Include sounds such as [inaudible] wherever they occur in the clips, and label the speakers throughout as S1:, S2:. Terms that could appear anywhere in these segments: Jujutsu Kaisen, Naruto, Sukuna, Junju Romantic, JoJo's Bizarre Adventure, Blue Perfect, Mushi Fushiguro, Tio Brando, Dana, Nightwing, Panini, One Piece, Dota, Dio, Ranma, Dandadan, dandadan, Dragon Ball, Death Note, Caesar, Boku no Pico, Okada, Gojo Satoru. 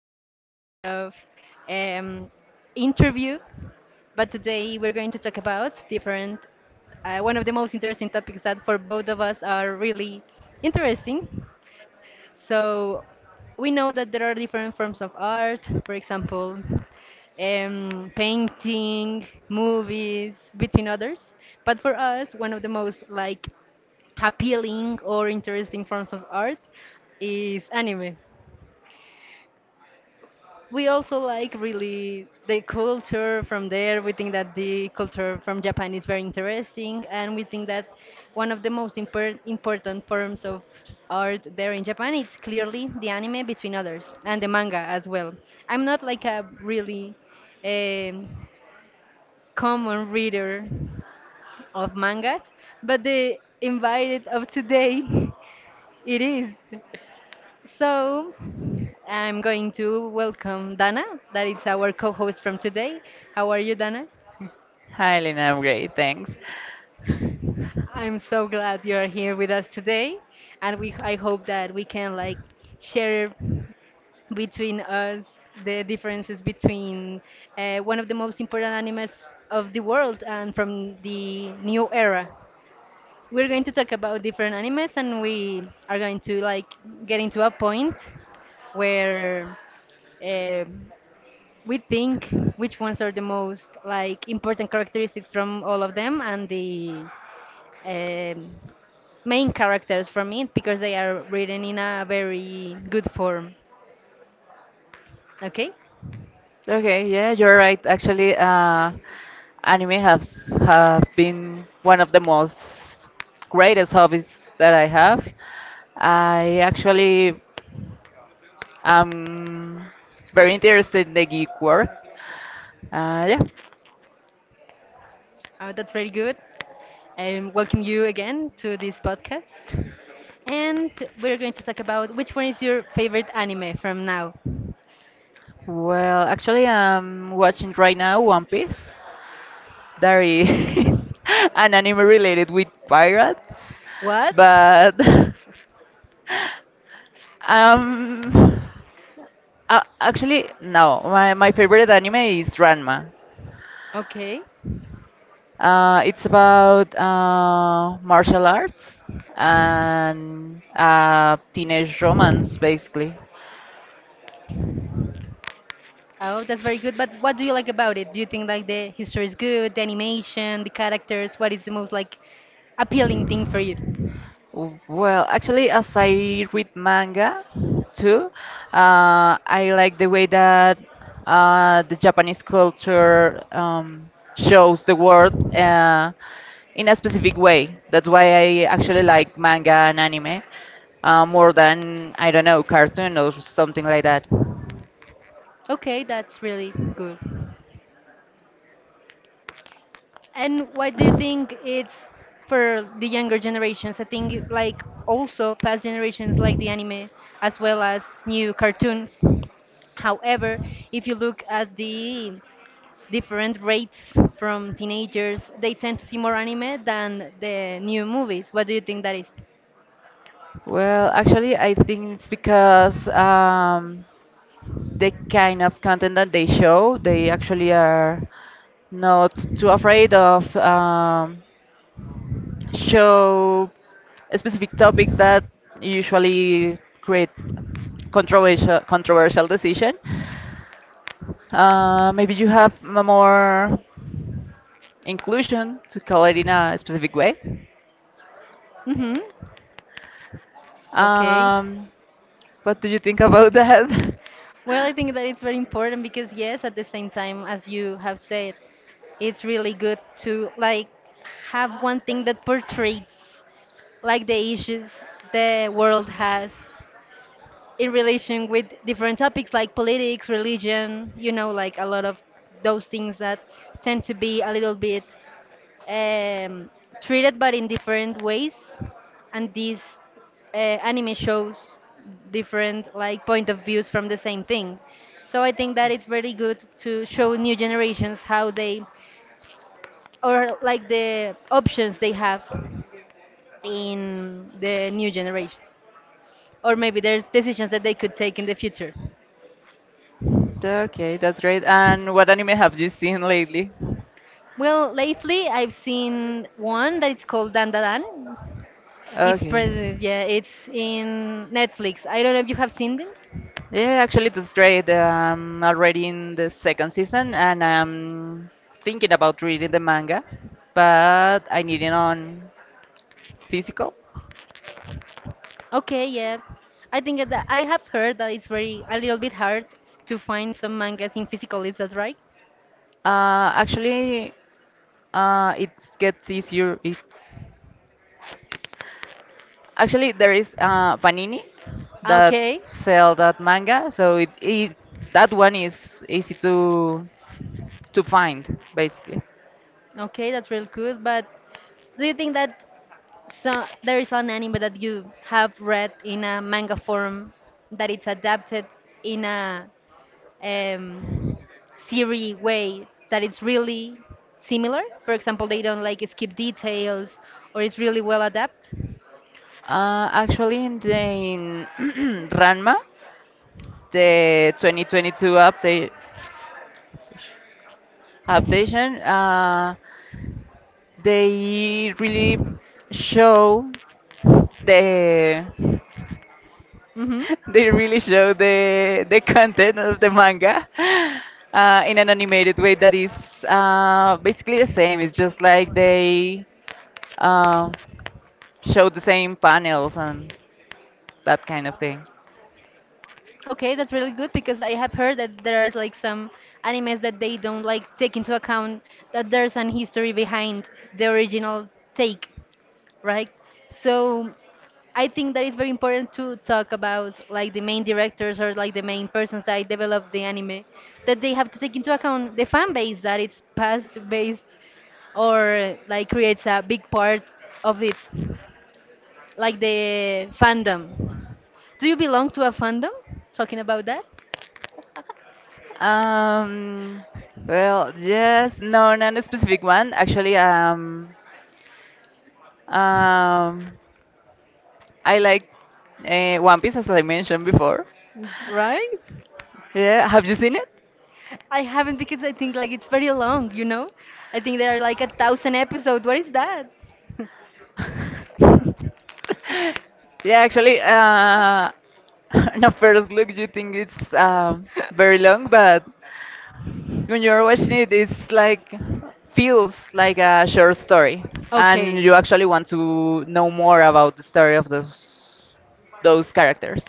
S1: it's like a kind of um, interview, but today we're going to talk about one of the most interesting topics that for both of us are really interesting. So we know that there are different forms of art, for example, painting, movies, between others. But for us, one of the most like appealing or interesting forms of art is anime. We also like really the culture from there. We think that the culture from Japan is very interesting, and we think that one of the most important forms of art there in Japan it's clearly the anime, between others, and the manga as well. I'm not like a really um common reader of manga, but the invited of today [laughs] it is. So I'm going to welcome Dana, that is our co host from today. How are you, Dana?
S2: Hi, Lina. I'm great. Thanks. [laughs]
S1: I'm so glad you're here with us today, and we I hope that we can like share between us the differences between one of the most important animes of the world and from the new era. We're going to talk about different animes, and we are going to like get into a point where um we think which ones are the most like important characteristics from all of them and the um, main characters from it because they are written in a very good form. Okay.
S2: Okay, yeah, you're right. Actually, anime has have been one of the most greatest hobbies that I have. I actually am very interested in the geek world. Yeah.
S1: That's very good, and welcome you again to this podcast, and we're going to talk about which one is your favorite anime from now.
S2: Well, actually, I'm watching right now One Piece. There is [laughs] an anime related with pirates,
S1: What?
S2: but [laughs] Um, actually, no. My favorite anime is Ranma.
S1: Okay.
S2: It's about martial arts and teenage romance, basically.
S1: Oh, that's very good. But what do you like about it? Do you think like the history is good, the animation, the characters? What is the most like appealing thing for you?
S2: Well, actually, as I read manga too, I like the way that the Japanese culture shows the world in a specific way. That's why I actually like manga and anime more than, I don't know, cartoon or something like that.
S1: Okay, that's really good. And why do you think it's for the younger generations? I think like also past generations like the anime as well as new cartoons. However, if you look at the different rates from teenagers, they tend to see more anime than the new movies. What do you think that is?
S2: Well, actually, I think it's because the kind of content that they show, they actually are not too afraid of show specific topics that usually create controversial decision. Maybe you have more inclusion to call it in a specific way.
S1: Mm-hmm. Okay.
S2: Um, what do you think about that?
S1: Well, I think that it's very important because yes, at the same time as you have said, it's really good to like have one thing that portrays like the issues the world has in relation with different topics like politics, religion, you know, like a lot of those things that tend to be a little bit um, treated but in different ways, and these anime shows different like point of views from the same thing. So I think that it's very good to show new generations how they, or like the options they have in the new generations, or maybe there's decisions that they could take in the future.
S2: [laughs] Okay, that's great. And what anime have you seen lately?
S1: Well, lately I've seen one that it's called Dandadan. It's
S2: Okay.
S1: present, yeah, it's in Netflix, I don't know if you have seen it.
S2: Yeah, actually, that's great. I'm already in the second season, and I'm thinking about reading the manga, but I need it on physical.
S1: Okay, yeah. I think that I have heard that it's very a little bit hard to find some mangas in physical. Is that right?
S2: Actually, it gets easier if actually there is Panini that
S1: Okay,
S2: sell that manga, so it, that one is easy to find basically.
S1: okay, that's real good. But do you think that so there is an anime that you have read in a manga form that it's adapted in a um, Siri way that it's really similar. For example, they don't like skip details or it's really well adapted.
S2: In [clears throat] Ranma, the 2022 update adaptation they really show the
S1: Hmm.
S2: [laughs] they really show the content of the manga in an animated way that is basically the same. It's just like they uh, show the same panels and that kind of thing.
S1: Okay, that's really good because I have heard that there is like some animes that they don't like take into account that there's an history behind the original take. Right? So I think that it's very important to talk about like the main directors or like the main persons that develop the anime, that they have to take into account the fan base that it's past based or like creates a big part of it, like the fandom. Do you belong to a fandom? Talking about that,
S2: um well, no, not a specific one, actually. Um I like One Piece, as I mentioned before.
S1: right?
S2: Yeah, have you seen it?
S1: I haven't because I think like it's very long, you know? I think there are like 1,000 episodes. What is that?
S2: [laughs] Yeah, actually, [laughs] on a first look, you think it's very long, but when you're watching it, it's like feels like a short story, and
S1: Okay.
S2: you actually want to know more about the story of those characters.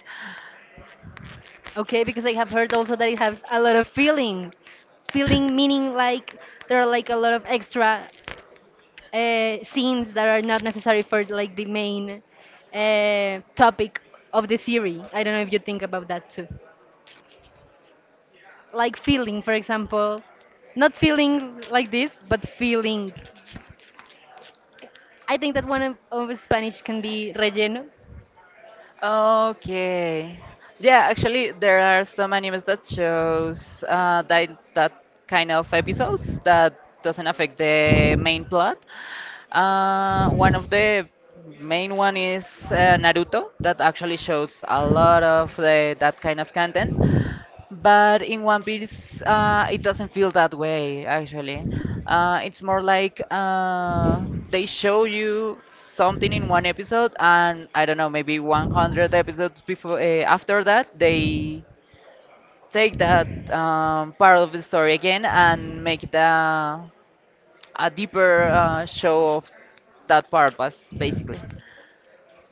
S1: Okay, because I have heard also that it has a lot of feeling. Feeling meaning like there are like a lot of extra scenes that are not necessary for like the main topic of the series. I don't know if you think about that too. Like feeling, for example, not feeling like this, but feeling. I think that one of Spanish can be relleno.
S2: Okay. Yeah, actually, there are some animes that shows that kind of episodes that doesn't affect the main plot. One of the main one is Naruto that actually shows a lot of that kind of content. But in One Piece, it doesn't feel that way, actually. It's more like they show you something in one episode, and I don't know, maybe 100 episodes before after that, they take that part of the story again and make it a deeper show of that part, basically.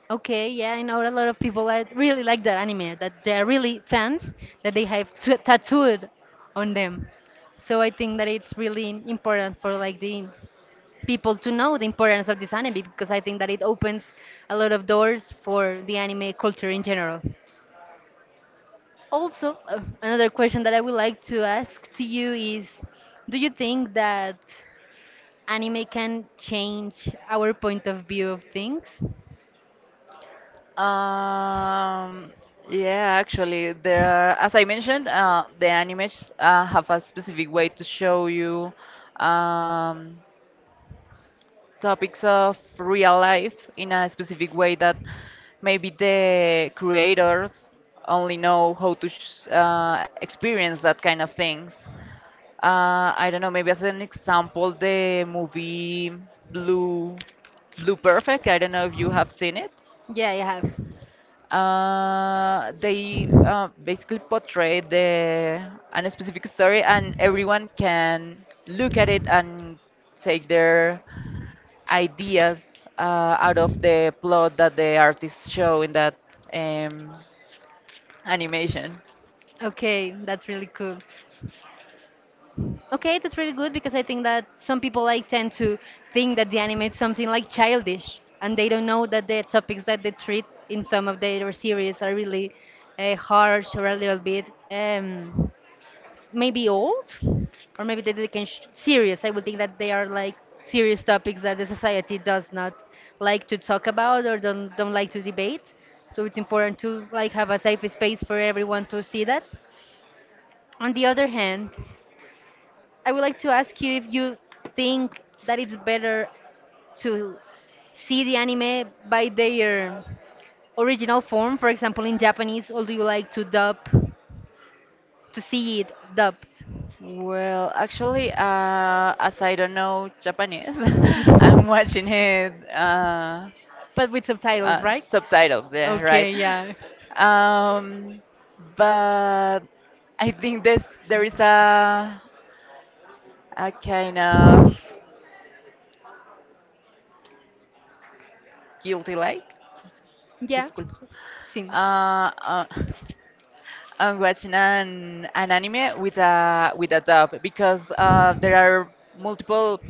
S1: Okay, yeah, I know a lot of people that really like that anime, that they're really fans, that they have tattooed on them. So I think that it's really important for like the people to know the importance of this anime because I think that it opens a lot of doors for the anime culture in general. Also, another question that I would like to ask to you is, do you think that anime can change our point of view of things?
S2: Um, yeah, actually, there are, as I mentioned, the animes have a specific way to show you um, topics of real life in a specific way that maybe the creators only know how to sh experience that kind of things. I don't know, maybe as an example, the movie Blue, Blue Perfect. I don't know if you have seen it.
S1: Yeah, I have.
S2: They basically portray the an specific story, and everyone can look at it and take their ideas out of the plot that the artists show in that um, animation.
S1: Okay, that's really cool. Okay, that's really good because I think that some people like tend to think that the anime is something like childish, and they don't know that the topics that they treat in some of their series are really harsh or a little bit maybe old, or maybe that they can serious, I would think that they are like serious topics that the society does not like to talk about or don't like to debate. So it's important to like have a safe space for everyone to see that. On the other hand, I would like to ask you if you think that it's better to see the anime by their original form, for example in Japanese, or do you like to dub, to see it dubbed,
S2: Well, actually, as I don't know Japanese, [laughs] I'm watching it
S1: but with subtitles, right?
S2: subtitles, yeah, right.
S1: Okay, yeah.
S2: Um, but I think this there is a kind of guilty like.
S1: Yeah, sim.
S2: Uh, uh, [laughs] I'm watching an anime with a dub because there are multiple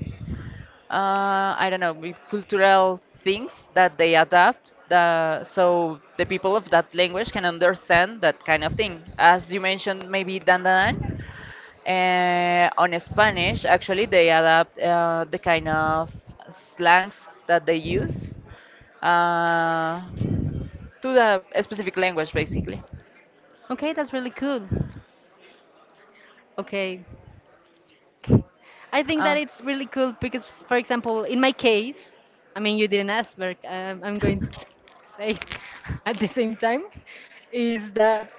S2: I don't know, with cultural things that they adapt. So the people of that language can understand that kind of thing. As you mentioned, maybe dandadan. On Spanish, actually, they adapt the kind of slangs that they use uh, to the specific language, basically.
S1: Okay, that's really cool. Okay. I think
S2: Uh,
S1: that it's really cool because, for example, in my case, I mean, you didn't ask, but I'm going to say [laughs] at the same time, is that,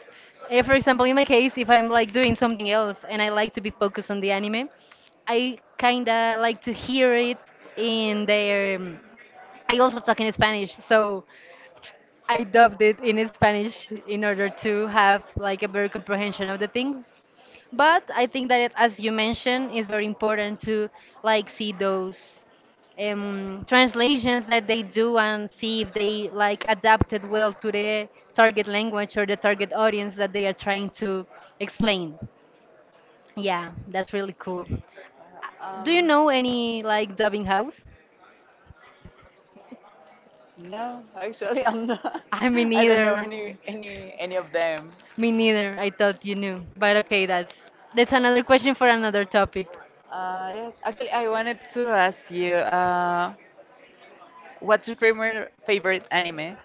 S1: for example, in my case, if I'm like doing something else and I like to be focused on the anime, I kind of like to hear it in their. I also talk in Spanish, so I dubbed it in Spanish in order to have like a better comprehension of the things. But I think that it, as you mentioned, it's very important to like see those translations that they do and see if they like adapted well to the target language or the target audience that they are trying to explain. Yeah, that's really cool. Do you
S2: um,
S1: know any like dubbing house?
S2: No, actually, I'm not.
S1: [laughs] I mean,
S2: [laughs] I don't know
S1: neither.
S2: any of them.
S1: Me neither. I thought you knew. But okay, that's another question for another topic.
S2: Yes, actually, I wanted to ask you, what's your favorite anime?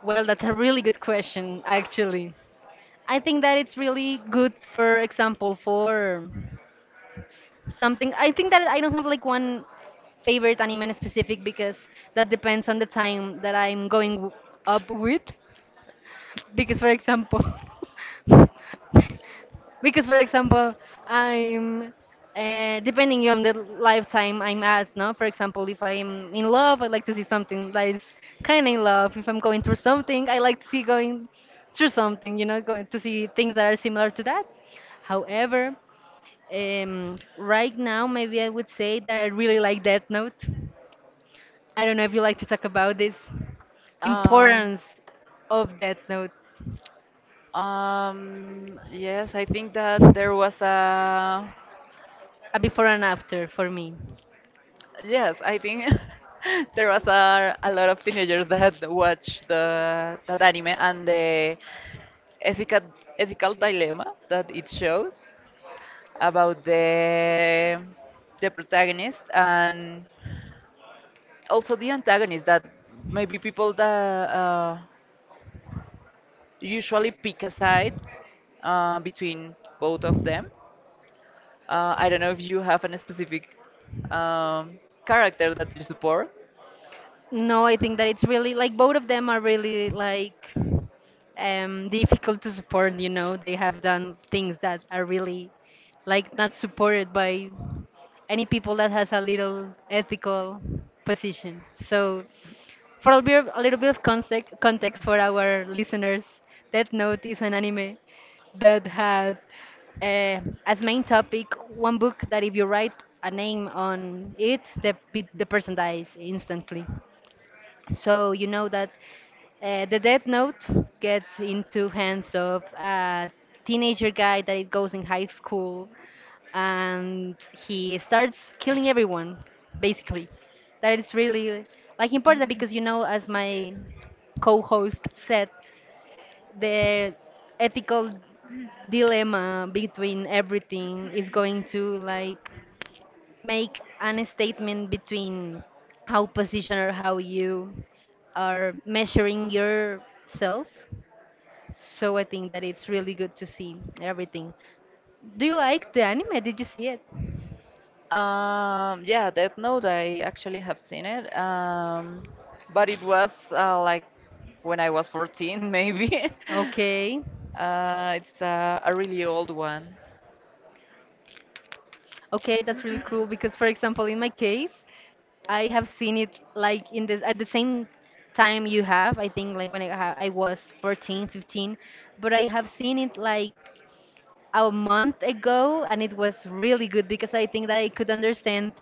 S1: Well, that's a really good question, actually. I think that it's really good, for example, for something. I think that I don't have like one favorite anime in specific because that depends on the time that I'm going up with. Because, for example, [laughs] Because, for example, I'm depending on the lifetime I'm at, no? For example, if I'm in love, I like to see something that is kind of in love. If I'm going through something, I like to see going through something, you know, going to see things that are similar to that. However, right now, maybe I would say that I really like Death Note. I don't know if you like to talk about this, the
S2: Um,
S1: importance of Death Note,
S2: yes, I think that there was a
S1: a before and after for me.
S2: yes, I think [laughs] there was a lot of teenagers that watched the that anime and the ethical ethical dilemma that it shows about the protagonist and also the antagonist that maybe people that usually pick a side between both of them. I don't know if you have a specific um, character that you support.
S1: No, I think that it's really like both of them are really like difficult to support, you know. They have done things that are really like not supported by any people that has a little ethical position. So for a, bit of, a little bit of context, context for our listeners, Death Note is an anime that had uh, as main topic one book that if you write a name on it, the the person dies instantly. So you know that the Death Note gets into hands of a teenager guy that it goes in high school, and he starts killing everyone, basically. That it's really like important because you know, as my co-host said, the ethical dilemma between everything is going to like make an statement between how position or how you are measuring yourself. So I think that it's really good to see everything. Do you like the anime? Did you see it?
S2: Yeah, Death Note, I actually have seen it. But it was like when I was 14, [laughs] maybe.
S1: Okay.
S2: It's a really old one.
S1: Okay, that's really cool because, for example, in my case, I have seen it like in the at the same time you have, I think like when I was 14, 15, but I have seen it like a month ago, and it was really good because I think that I could understand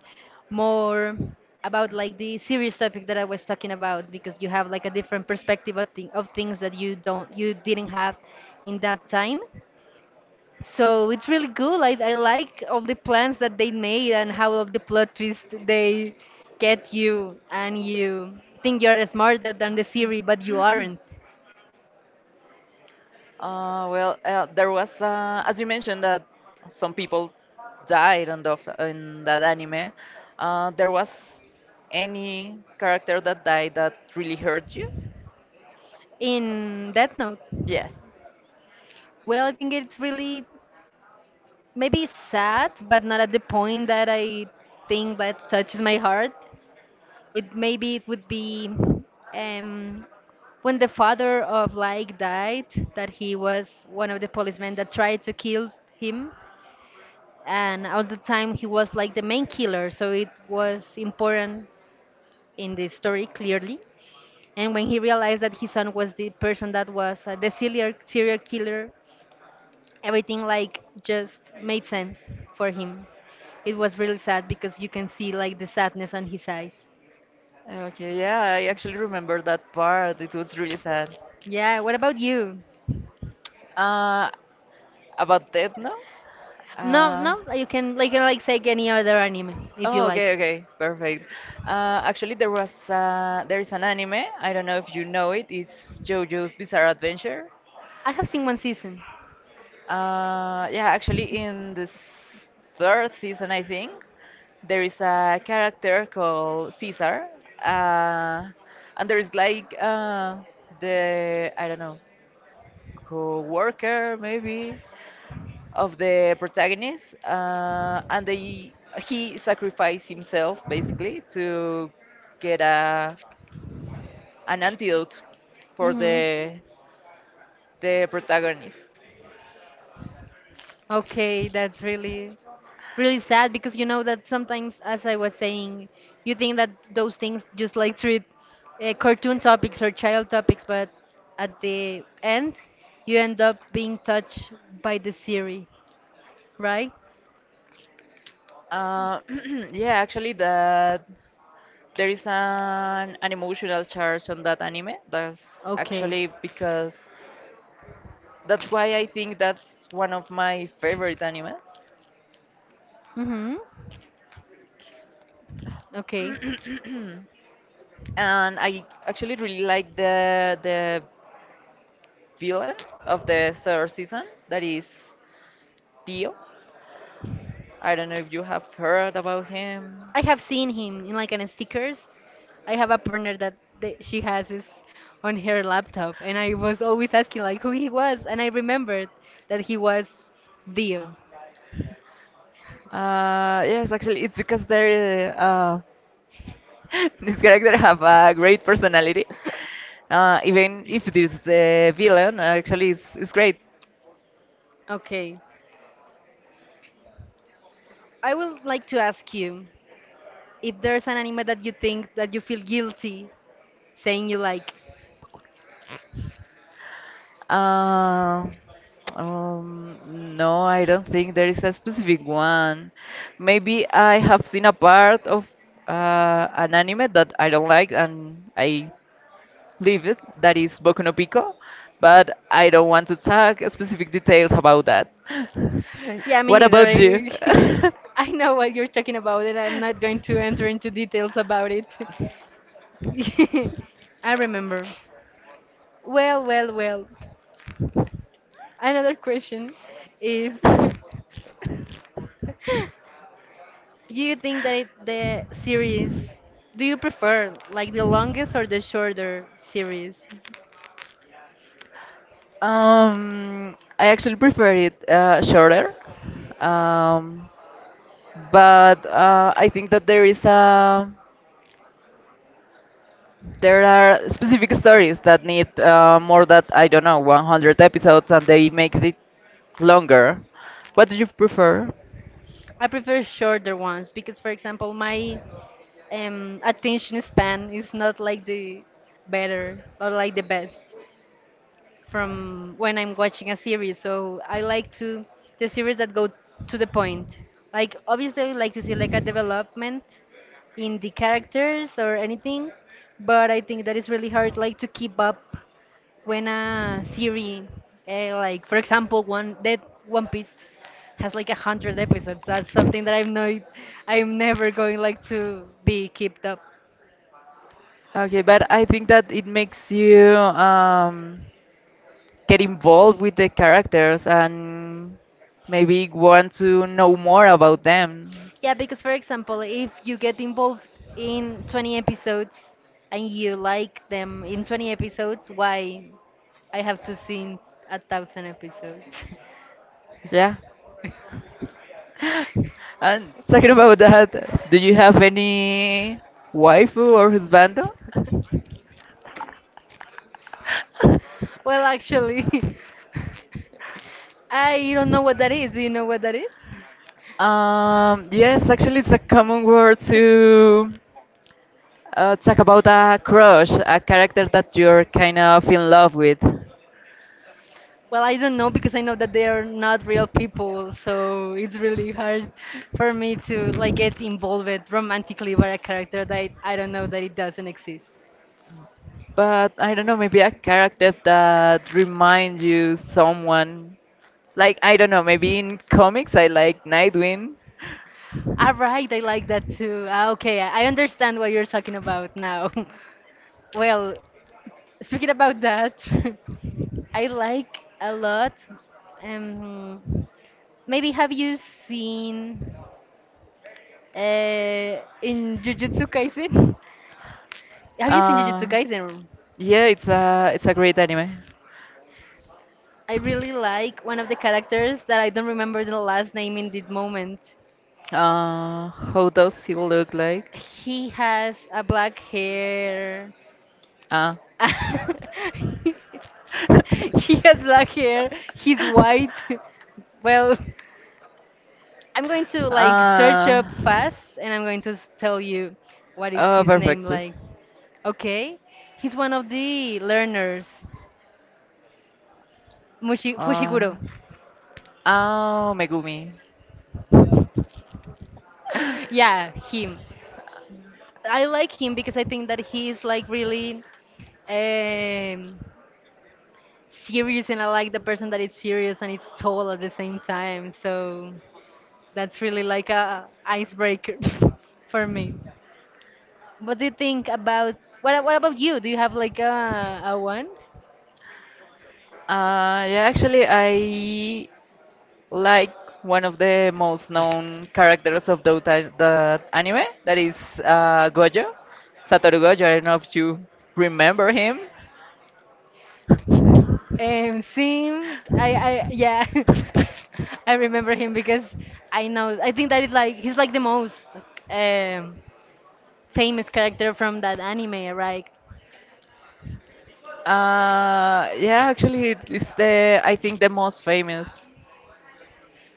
S1: more about like the serious topic that I was talking about because you have like a different perspective of, of things that you didn't have in that time. So it's really cool. I like all the plans that they made and how of the plot twist they get you and you think you're smarter than the series but you aren't.
S2: There was, as you mentioned, that some people died on in that anime. There was any character that died that really hurt you?
S1: In that note,
S2: Yes.
S1: well, I think it's really maybe sad, but not at the point that I think that touches my heart. It maybe it would be, um, when the father of Like died, that he was one of the policemen that tried to kill him, and all the time he was like the main killer, so it was important in the story clearly. And when he realized that his son was the person that was, the serial killer, everything like just made sense for him. It was really sad because you can see like the sadness on his eyes.
S2: Okay, yeah, I actually remember that part. It was really sad.
S1: Yeah, what about you?
S2: Uh, about Death Note?
S1: No,
S2: Uh,
S1: no, you can, like say any other anime if you
S2: Oh, okay,
S1: like.
S2: perfect. Actually, there is an anime. I don't know if you know it. It's JoJo's Bizarre Adventure.
S1: I have seen one season.
S2: Yeah, actually, in the third season, I think, there is a character called Caesar, uh, and there is like the I don't know, co-worker maybe of the protagonist, and they he sacrificed himself basically to get a an antidote for
S1: Mhm.
S2: the protagonist.
S1: Okay, that's really, really sad because you know that sometimes, as I was saying, you think that those things just like treat, cartoon topics or child topics, but at the end, you end up being touched by the series, right?
S2: Uh, [clears throat] yeah, actually, that there is an emotional charge on that anime. That's
S1: Okay.
S2: actually because That's why I think that's one of my favorite animes.
S1: Mm-hmm. Okay.
S2: [clears throat] And I actually really like the villain of the third season. That is Dio. I don't know if you have heard about him.
S1: I have seen him in like an stickers. I have a partner that she has is on her laptop, and I was always asking like who he was, and I remembered that he was Dio.
S2: Yes, actually, it's because they [laughs] this character have
S1: [laughs]
S2: a great personality. Even if this the villain, actually, it's great.
S1: Okay, I would like to ask you if there's an anime that you think that you feel guilty saying you like.
S2: Uh, um, no, I don't think there is a specific one. Maybe I have seen a part of an anime that I don't like, and I leave it, that is Boku no Pico, but I don't want to talk specific details about that. [laughs]
S1: Like, yeah, me
S2: What
S1: neither.
S2: about you? [laughs]
S1: [laughs] I know what you're talking about, and I'm not going to enter into details about it. [laughs] I remember. Well, well, well. Another question is, [laughs] do you think that it, the series, do you prefer like the longest or the shorter series?
S2: I actually prefer it shorter, um, but I think that there is a there are specific stories that need more than, I don't know, 100 episodes and they make it longer. What do you prefer?
S1: I prefer shorter ones because, for example, my, attention span is not like the better or like the best from when I'm watching a series. So I like to the series that go to the point. Like, obviously, I like to see like a development in the characters or anything, but I think that it's really hard like to keep up when a series, like for example, one that One Piece has like 100 episodes. That's something that I'm never going like to be kept up.
S2: Okay, but I think that it makes you get involved with the characters and maybe want to know more about them.
S1: Yeah, because for example, if you get involved in 20 episodes and you like them in 20 episodes, why I have to see 1,000 episodes?
S2: Yeah. [laughs] And talking about that, do you have any waifu or husbando? [laughs]
S1: [laughs] Well, actually, [laughs] I don't know what that is. Do you know what that is?
S2: Yes, actually, it's a common word to talk about a crush, a character that you're kind of in love with.
S1: Well, I don't know because I know that they are not real people, so it's really hard for me to like get involved romantically with a character that I don't know that it doesn't exist.
S2: But I don't know, maybe a character that reminds you someone. Like, I don't know, maybe in comics I like Nightwing.
S1: Ah, right, I like that too. Ah, okay, I understand what you're talking about now. [laughs] Well, speaking about that, [laughs] I like a lot. Um, maybe have you seen, in Jujutsu Kaisen? [laughs] Have you seen Jujutsu
S2: Uh,
S1: Kaisen?
S2: yeah, it's a great anime.
S1: I really like one of the characters that I don't remember the last name in this moment.
S2: How does he look like?
S1: He has a black hair.
S2: Ah.
S1: [laughs] He has black hair. He's white. [laughs]
S2: [laughs]
S1: Well, I'm going to like search up
S2: Uh.
S1: fast, and I'm going to tell you what is
S2: Oh,
S1: his name
S2: perfecto.
S1: like. Okay, he's one of the learners, Mushi
S2: Uh,
S1: Fushiguro.
S2: oh, Megumi.
S1: [laughs] Yeah, him. I like him because I think that he is like really, um, serious, and I like the person that is serious and it's tall at the same time. So. That's really like a icebreaker [laughs] for me. What do you think about what about you? Do you have like a one?
S2: Yeah, actually, I like one of the most known characters of Dota, the anime, that is Gojo, Satoru Gojo. I don't know if you remember him.
S1: Sim, I yeah, [laughs] I remember him because I know I think that is like he's like the most, um, famous character from that anime, right?
S2: Yeah, actually, it is the I think the most famous.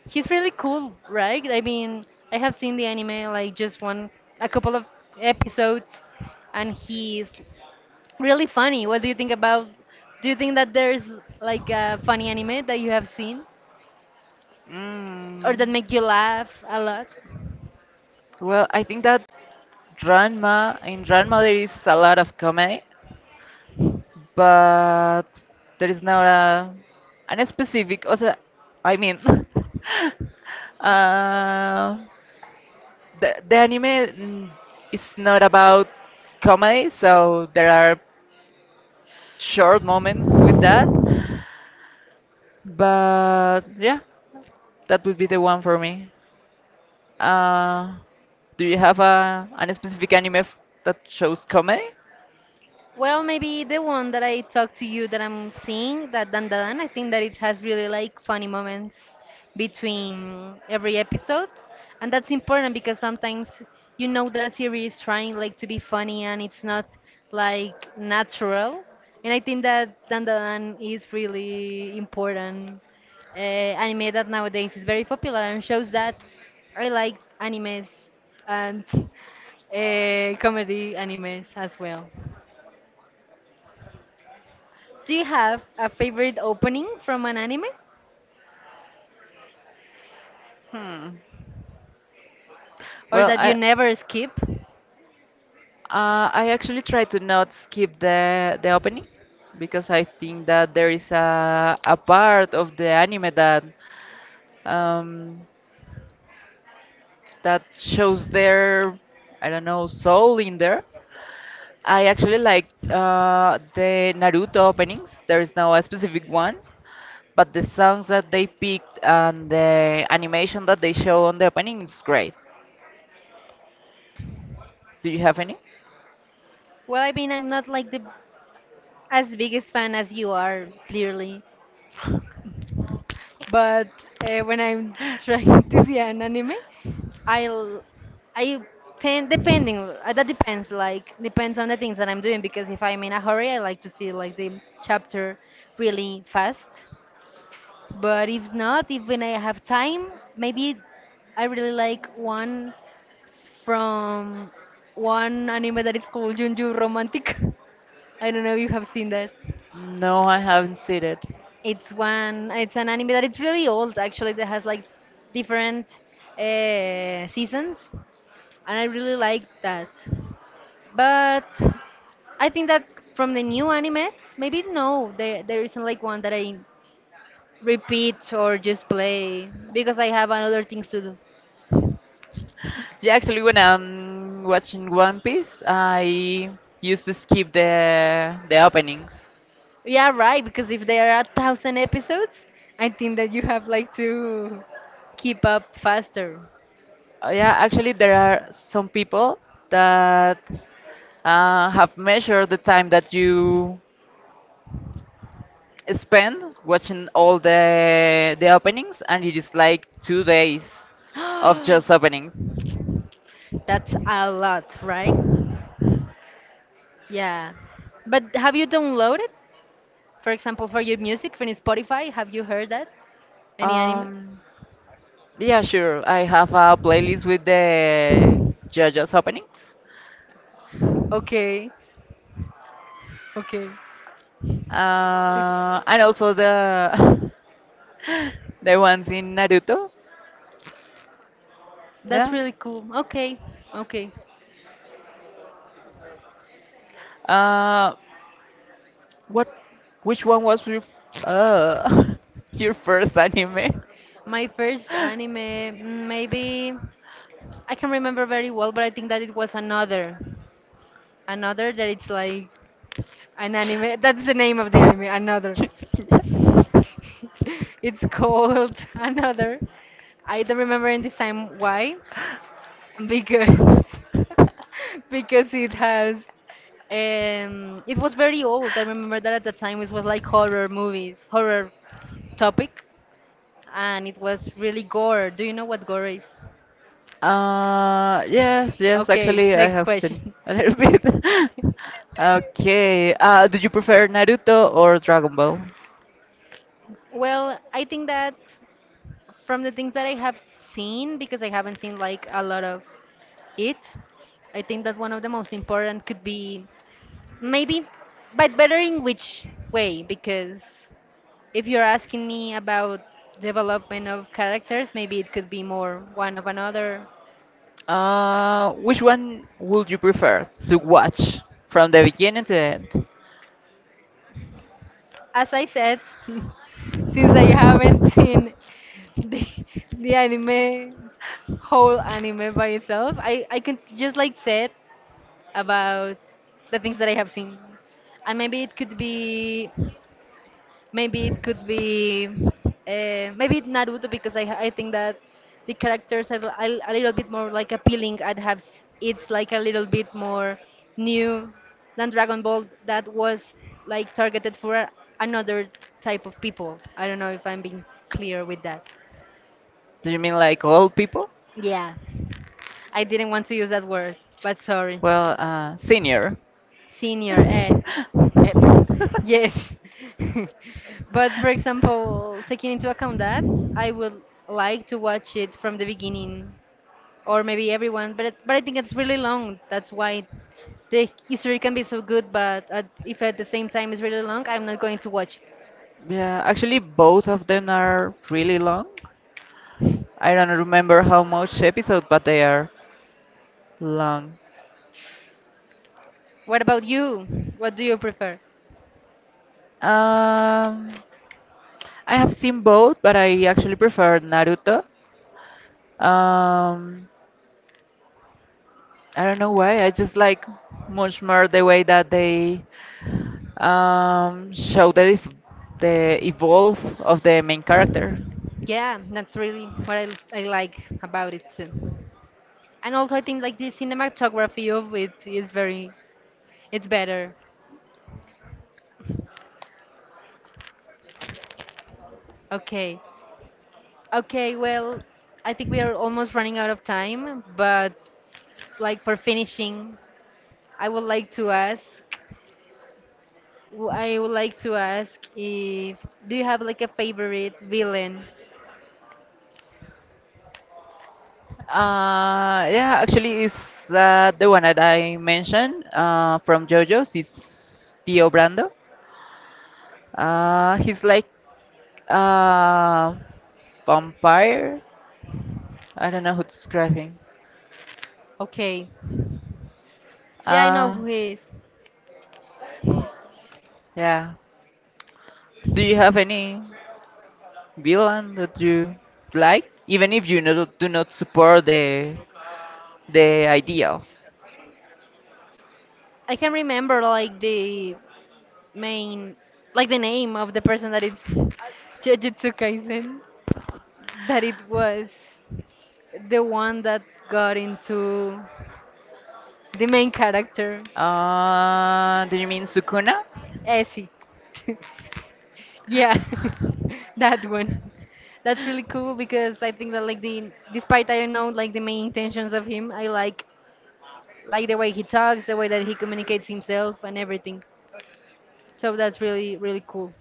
S1: He's really cool, right? I mean, I have seen the anime like just one a couple of episodes and he's really funny. What do you think about? Do you think that there's like a funny anime that you have seen or
S2: Mm.
S1: that make you laugh a lot?
S2: Well, I think that Ranma there is a lot of comedy, but there is not a an specific. Also, I mean, [laughs] uh, the anime mm, is not about comedy, so there are short moments with that, but yeah, that would be the one for me. uh, do you have a an specific anime that shows comedy?
S1: Well, maybe the one that I talked to you that I'm seeing, that Dan Dan, I think that it has really like funny moments between every episode. And that's important because sometimes you know that a series is trying like to be funny and it's not like natural. And I think that Dan Dan is really important, anime that nowadays is very popular and shows that I like animes and [laughs] comedy animes as well. Do you have a favorite opening from an anime
S2: hmm
S1: or
S2: well
S1: that you
S2: I
S1: never skip?
S2: I actually try to not skip the opening because I think that there is a part of the anime that um, that shows their I don't know soul in there. I actually like the Naruto openings. There is no a specific one, but the songs that they picked and the animation that they show on the opening is great. Do you have any?
S1: Well, I mean, I'm not like the as biggest fan as you are, clearly, but, when I'm trying [laughs] to see an anime, I'll I tend depending, that depends on the things that I'm doing because if I'm in a hurry, I like to see like the chapter really fast. But if not, if when I have time, maybe I really like one from one anime that is called Junju Romantic. [laughs] I don't know if you have seen that.
S2: No, I haven't seen it.
S1: It's one. It's an anime that it's really old actually. That has like different, seasons, and I really like that. But I think that from the new animes, maybe no, there isn't like one that I repeat or just play because I have another things to do.
S2: Yeah, actually, when I'm watching One Piece, I used to skip the openings.
S1: Yeah, right. Because if there are 1,000 episodes, I think that you have like to keep up faster.
S2: Yeah, actually, there are some people that have measured the time that you spend watching all the openings, and it is like 2 days
S1: [gasps]
S2: of just openings.
S1: That's a lot, right? Yeah. But have you downloaded, for example, for your music from Spotify? Have you heard that? Any anime?
S2: Um, yeah, sure. I have a playlist with the JoJo's openings,
S1: Okay, okay.
S2: and also the [laughs] [laughs] the ones in Naruto.
S1: That's
S2: Yeah.
S1: really cool. Okay, okay.
S2: Uh, what? Which one was your uh [laughs] your first anime?
S1: My first anime, mm, maybe. I can remember very well, but I think that it was another, another that it's like an anime. That's the name of the anime, another.
S2: [laughs]
S1: [laughs] It's called [laughs] another. I don't remember in this time why, because [laughs] because it has. It was very old. I remember that at the time it was like horror movies, horror topic, and it was really gore. Do you know what gore is?
S2: Yes,
S1: Okay,
S2: actually, I
S1: next
S2: have seen
S1: question.
S2: a little bit. [laughs] Okay, do you prefer Naruto or Dragon Ball?
S1: Well, I think that from the things that I have seen, because I haven't seen like a lot of it, I think that one of the most important could be maybe, but better in which way? Because if you're asking me about development of characters, maybe it could be more one of another.
S2: Which one would you prefer to watch from the beginning to the end?
S1: As I said, [laughs] since I haven't seen the, the anime whole anime by itself, I can just like said about the things that I have seen, and maybe it could be, maybe it could be, maybe it's Naruto because I think that the characters are a little bit more like appealing and have it's like a little bit more new than Dragon Ball that was like targeted for another type of people. I don't know if I'm being clear with that.
S2: Do you mean like old people?
S1: Yeah, I didn't want to use that word, but sorry.
S2: Well, senior.
S1: Senior, eh, [laughs] yes, [laughs] but for example taking into account that I would like to watch it from the beginning or maybe everyone but it, but I think it's really long, that's why the history can be so good but if at the same time it's really long I'm not going to watch it.
S2: Yeah, actually, both of them are really long. I don't remember how much episode, but they are long.
S1: What about you, what do you prefer?
S2: Um, I have seen both, but I actually prefer Naruto. Um, I don't know why. I just like much more the way that they show the the evolve of the main character.
S1: Yeah, that's really what I like about it too, and also I think like the cinematography of it is very it's better. Okay. Okay, well, I think we are almost running out of time, but like for finishing, I would like to ask, I would like to ask if do you have like a favorite villain?
S2: Yeah, actually, it's the one that I mentioned from JoJo's. It's Tio Brando. He's like a vampire. I don't know who to describe him.
S1: Okay. Yeah, I know
S2: Uh,
S1: who he is.
S2: yeah. Do you have any villain that you like, even if you no, do not support the ideals?
S1: I can remember like the main, like the name of the person that it [laughs] Jujutsu Kaisen, that it was the one that got into the main character,
S2: Do you mean Sukuna?
S1: Essie. [laughs] Yeah, [laughs] that one. That's really cool because I think that like the despite I don't know like the main intentions of him, I like the way he talks, the way that he communicates himself and everything. So that's really really cool.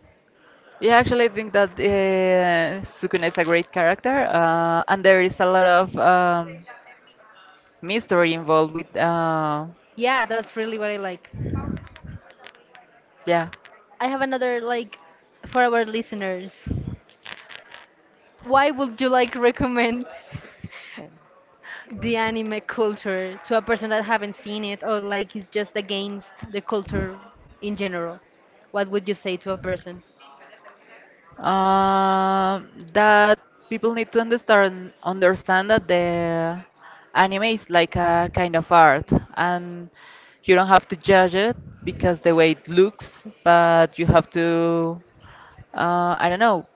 S2: Yeah, actually, I think that Sukuna is a great character, and there is a lot of mystery involved with,
S1: Yeah, that's really what I like.
S2: yeah,
S1: I have another like for our listeners. Why would you like recommend [laughs] the anime culture to a person that haven't seen it or like is just against the culture in general? What would you say to a person?
S2: uh, that people need to understand that the anime is like a kind of art, and you don't have to judge it because the way it looks, but you have to, I don't know,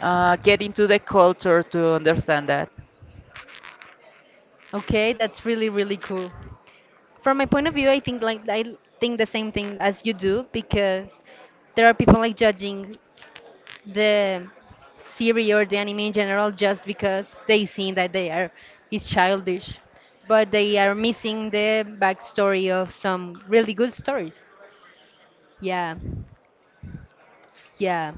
S2: get into the culture to understand that.
S1: Okay, that's really really cool. From my point of view, I think like I think the same thing as you do because there are people like judging the series or the anime in general just because they think that they are is childish, but they are missing the backstory of some really good stories. Yeah, yeah.